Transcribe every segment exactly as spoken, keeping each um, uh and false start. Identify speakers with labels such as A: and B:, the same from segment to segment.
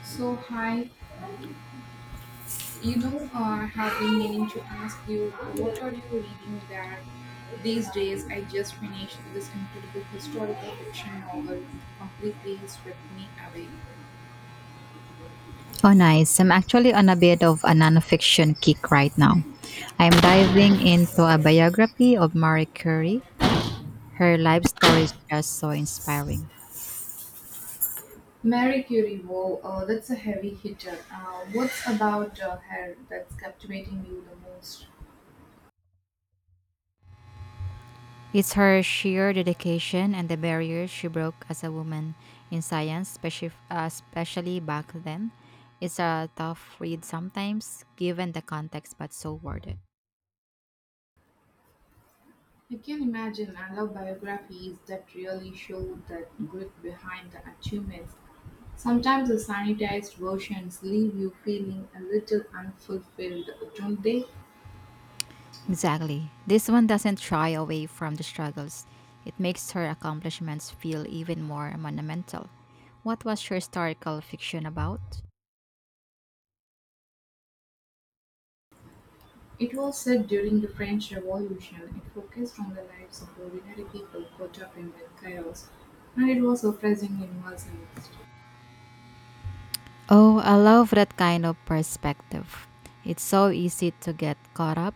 A: So, hi, you know, uh, I have been meaning to ask you, what are you reading there these days? I just finished this incredible historical fiction novel that completely swept me away.
B: Oh, nice. I'm actually on a bit of a nonfiction kick right now. I'm diving into a biography of Marie Curie. Her life story is just so inspiring.
A: Mary Curie, wow, uh, that's a heavy hitter. Uh, what's about uh, her that's captivating you the most?
B: It's her sheer dedication and the barriers she broke as a woman in science, speci- uh, especially back then. It's a tough read sometimes, given the context, but so worth it.
A: I can imagine. I love biographies that really show the grit behind the achievements. Sometimes the sanitized versions leave you feeling a little unfulfilled, don't they?
B: Exactly. This one doesn't shy away from the struggles. It makes her accomplishments feel even more monumental. What was your historical fiction about?
A: It was said during the French Revolution. It focused on the lives of ordinary people caught up in the chaos, and it was surprisingly immersive.
B: Oh, I love that kind of perspective. It's so easy to get caught up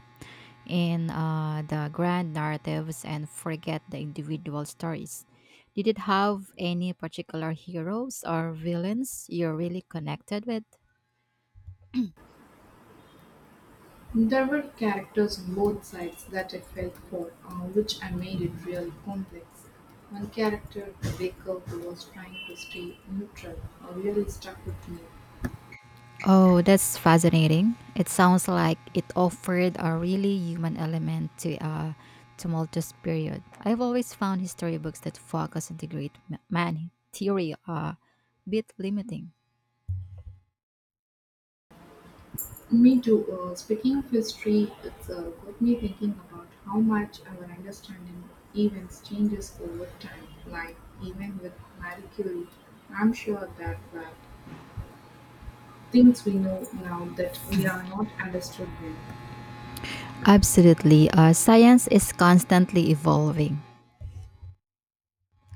B: in uh, the grand narratives and forget the individual stories. Did it have any particular heroes or villains you're really connected with?
A: There were characters on both sides that I felt for, uh, which I made it really complex. One character, the baker who was trying to stay neutral, uh, really stuck with me.
B: Oh, that's fascinating. It sounds like it offered a really human element to a tumultuous period. I've always found history books that focus on the great ma- man theory a bit limiting.
A: Me too. Uh, speaking of history, it's uh, got me thinking about how much our understanding of events changes over time. Like even with Marie Curie, I'm sure that were things we know now that we are not understood then.
B: Absolutely. Uh, science is constantly evolving.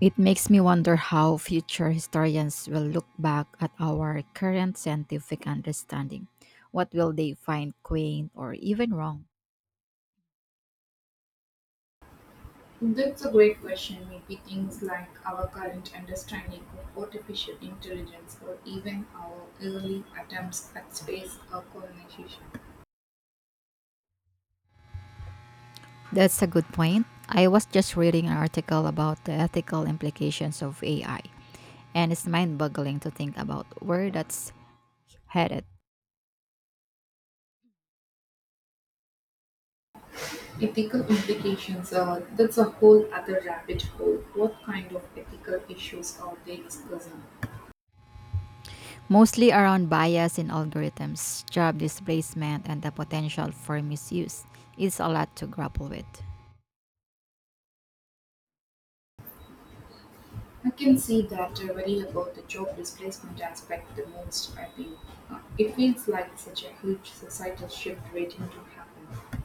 B: It makes me wonder how future historians will look back at our current scientific understanding. What will they find quaint or even wrong?
A: That's a great question. Maybe things like our current understanding of artificial intelligence or even our early attempts at space or colonization.
B: That's a good point. I was just reading an article about the ethical implications of A I, and it's mind boggling to think about where that's headed.
A: Ethical implications are that's a whole other rabbit hole. What kind of ethical issues are they discussing?
B: Mostly around bias in algorithms, job displacement, and the potential for misuse. It's a lot to grapple with.
A: I can see that I worry about the job displacement aspect the most, I think. Uh, it feels like such a huge societal shift waiting to happen.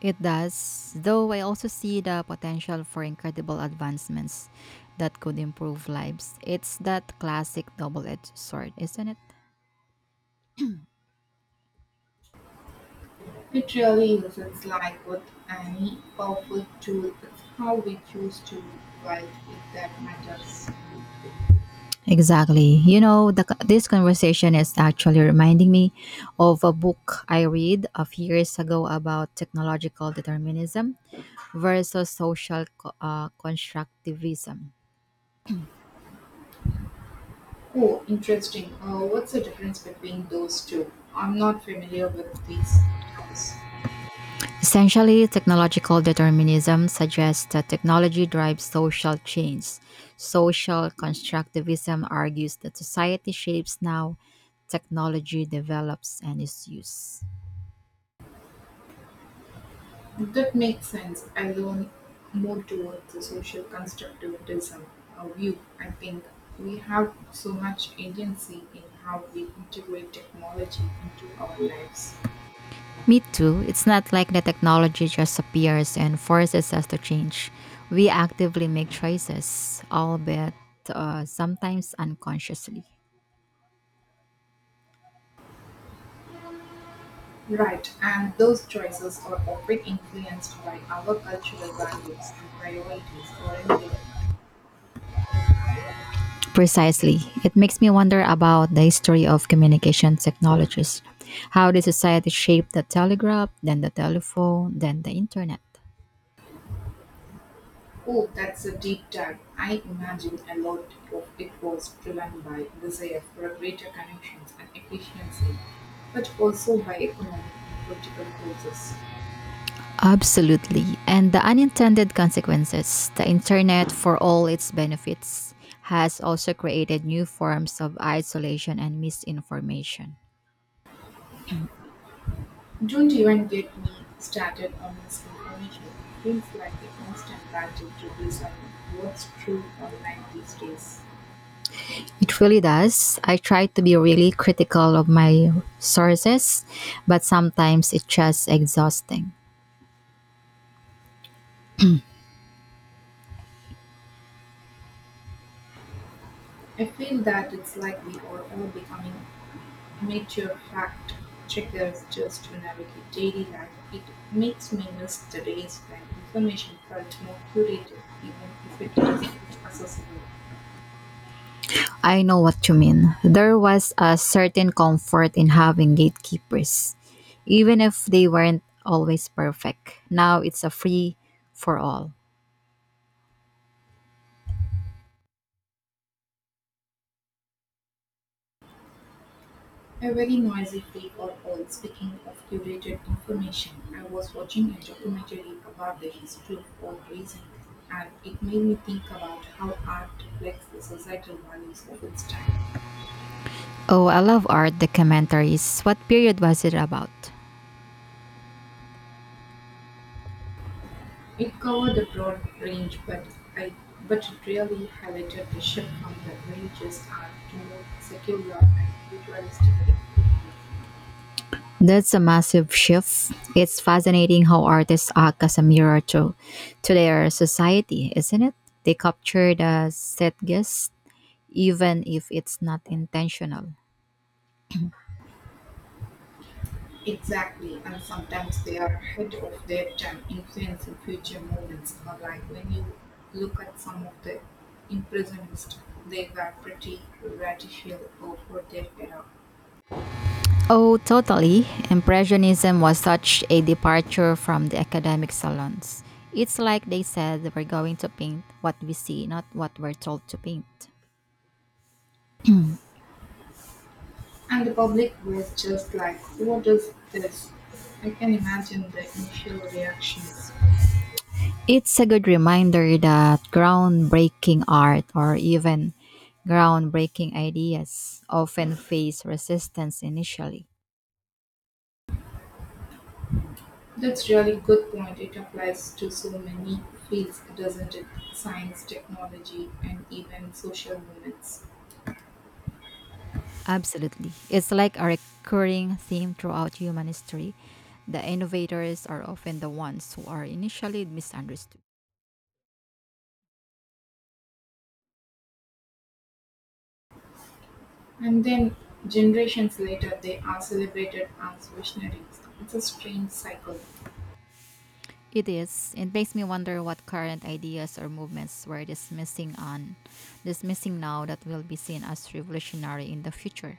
B: It does, though I also see the potential for incredible advancements that could improve lives. It's that classic double edged sword, isn't it?
A: It really isn't like with any powerful tool, it's how we choose to wield it that matters.
B: Exactly. You know, the, co- this conversation is actually reminding me of a book I read a few years ago about technological determinism versus social co- uh, constructivism.
A: Oh, interesting. Uh, what's the difference between those two? I'm not familiar with these terms.
B: Essentially, technological determinism suggests that technology drives social change. Social constructivism argues that society shapes now, technology develops and is used.
A: That makes sense. I lean more towards the social constructivism uh, view. I think we have so much agency in how we integrate technology into our lives.
B: Me too. It's not like the technology just appears and forces us to change. We actively make choices, albeit uh, sometimes unconsciously.
A: Right, and those choices are often influenced by our cultural values and priorities, aren't they?
B: Precisely. It makes me wonder about the history of communication technologies. How did society shape the telegraph, then the telephone, then the internet?
A: Oh, that's a deep dive. I imagine a lot of it was driven by desire for greater connections and efficiency, but also by economic and political forces.
B: Absolutely. And the unintended consequences. The internet, for all its benefits, has also created new forms of isolation and misinformation.
A: Don't even get me started on misinformation. It feels like a constant battle to decide what's true online these days.
B: It really does. I try to be really critical of my sources, but sometimes it's just exhausting.
A: I feel that it's like we are all becoming Amateur fact-checkers just to navigate daily life, it makes me miss the days when information felt more curated, even if it was accessible.
B: I know what you mean. There was a certain comfort in having gatekeepers, even if they weren't always perfect. Now it's a free for all.
A: A very noisy freak or all. Speaking of curated information, I was watching a documentary about the history of all raising, and it made me think about how art reflects the societal values of its time.
B: Oh, I love art documentaries. What period was it about?
A: It covered a broad range, but I but it really highlighted the shift from the religious art to more secular and individualistic expressions.
B: That's a massive shift. It's fascinating how artists act as a mirror to, to their society, isn't it? They capture the zeitgeist, even if it's not intentional.
A: Exactly, and sometimes they are ahead of their time, influencing future movements. Or like when you look at some of the impressionists, they were pretty radical over their era,
B: Oh, totally. Impressionism was such a departure from the academic salons. It's like they said we're going to paint what we see, not what we're told to paint.
A: and the public was just like, "What is this?" I can imagine the initial reactions.
B: It's a good reminder that groundbreaking art or even groundbreaking ideas often face resistance initially.
A: That's really good point. It applies to so many fields, doesn't it? Science, technology, and even social movements.
B: Absolutely. It's like a recurring theme throughout human history. The innovators are often the ones who are initially misunderstood.
A: And then generations later, they are celebrated as visionaries. It's a strange cycle.
B: It is. It makes me wonder what current ideas or movements we're dismissing on dismissing now that will be seen as revolutionary in the future.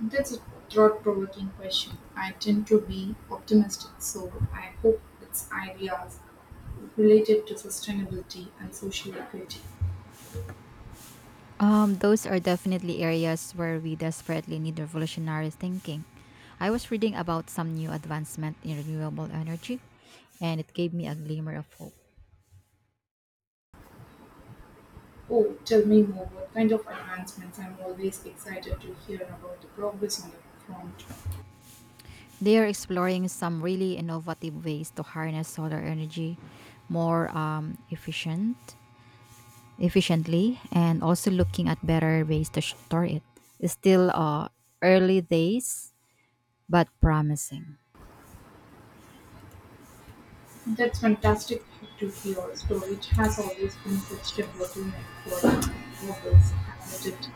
A: That's a thought provoking question. I tend to be optimistic, so I hope its ideas related to sustainability and social equity.
B: Um, those are definitely areas where we desperately need revolutionary thinking. I was reading about some new advancement in renewable energy, and it gave me a glimmer of hope.
A: Oh, tell me more. What kind of advancements? I'm always excited to hear about the progress on the front.
B: They are exploring some really innovative ways to harness solar energy more um, efficient, efficiently, and also looking at better ways to store it. It's still uh, early days, but promising.
A: That's fantastic to hear. Storage has always been such a bottleneck for renewables, hasn't it?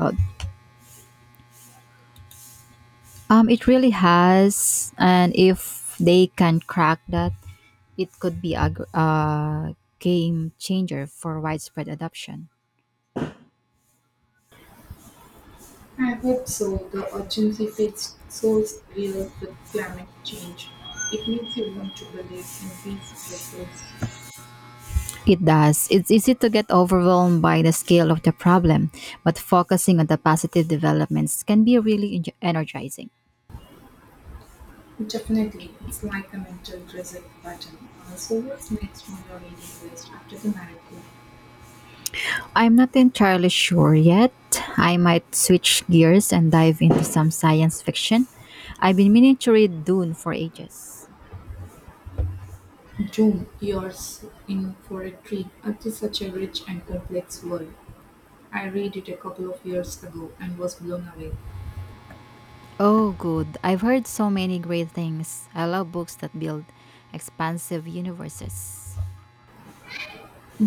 B: Oh. Um, it really has, and if they can crack that, it could be a, gr- a game changer for widespread adoption.
A: I hope so. The urgency feels so real with climate change. It makes you want to believe in these breakthroughs.
B: It does. It's easy to get overwhelmed by the scale of the problem, but focusing on the positive developments can be really en- energizing.
A: Definitely, it's like a mental reset button. Uh, so, what's next on your reading list after the marathon?
B: I'm not entirely sure yet. I might switch gears and dive into some science fiction. I've been meaning to read Dune for ages.
A: Doom, you're in for a treat. It is such a rich and complex world. I read it a couple of years ago and was blown away.
B: Oh, good. I've heard so many great things. I love books that build expansive universes.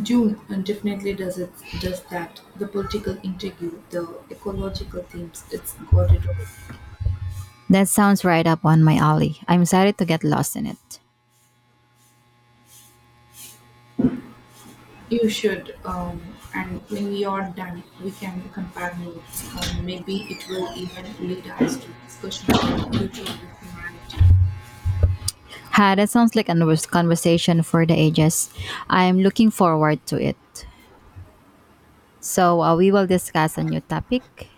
A: June uh, definitely does it does that. The political intrigue, the ecological themes, it's got it all.
B: That sounds right up on my alley. I'm excited to get lost in it.
A: You should, um, and when we are done, we can compare notes. Or maybe it will even lead us to discussion about the future of the humanity.
B: Ha, that sounds like a convers- conversation for the ages. I'm looking forward to it. So, uh, we will discuss a new topic.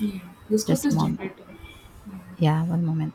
A: Yeah, the script
B: Just a
A: is
B: moment.
A: generated. Yeah.
B: Yeah, one moment.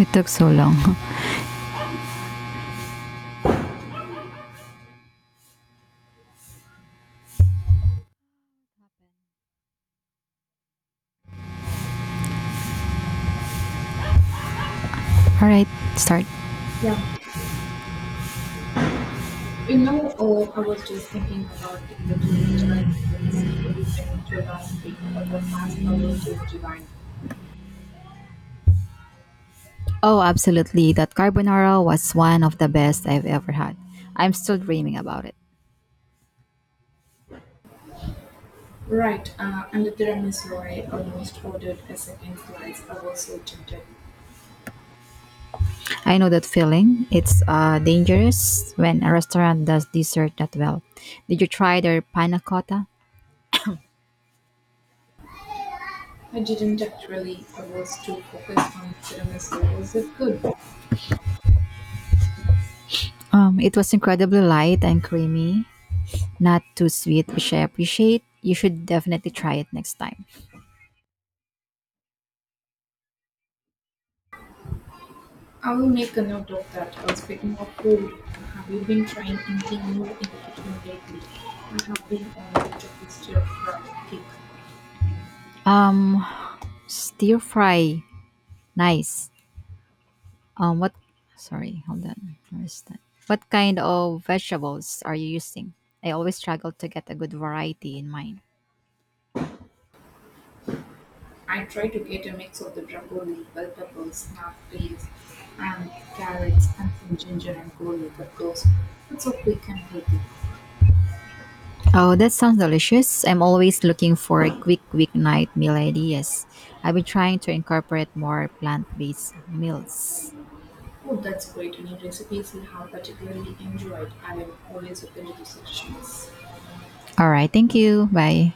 B: It took so long. All right, start.
A: Yeah, You know, oh, I was just thinking about the little Italian place we went to last week. Uh, The pasta was just divine.
B: Oh, absolutely. That carbonara was one of the best I've ever had. I'm still dreaming about it.
A: Right, uh, and the tiramisu, I almost ordered a second slice. I was so tempted.
B: I know that feeling. It's uh, dangerous when a restaurant does dessert that well. Did you try their panna cotta?
A: I didn't actually. I was too focused on the tiramisu. Was it good?
B: Um, it was incredibly light and creamy, not too sweet, which I appreciate. You should definitely try it next time.
A: I will make a note of that. Uh, speaking of food, have you been trying anything new in the kitchen lately? I have been on a bit of a stir-fried kick.
B: Um, Stir fry, nice. Um, what? Sorry, hold on. Where is that? What kind of vegetables are you using? I always struggle to get a good variety in mine.
A: I try to get a mix of the broccoli, bell peppers, snap peas, and carrots, and some ginger and garlic, of course. It's so quick and healthy.
B: Oh, that sounds delicious. I'm always looking for a quick weeknight meal ideas. I've been trying to incorporate more plant based meals.
A: Oh, that's great. Any recipes you have particularly enjoyed? I am always open to suggestions.
B: All right. Thank you. Bye.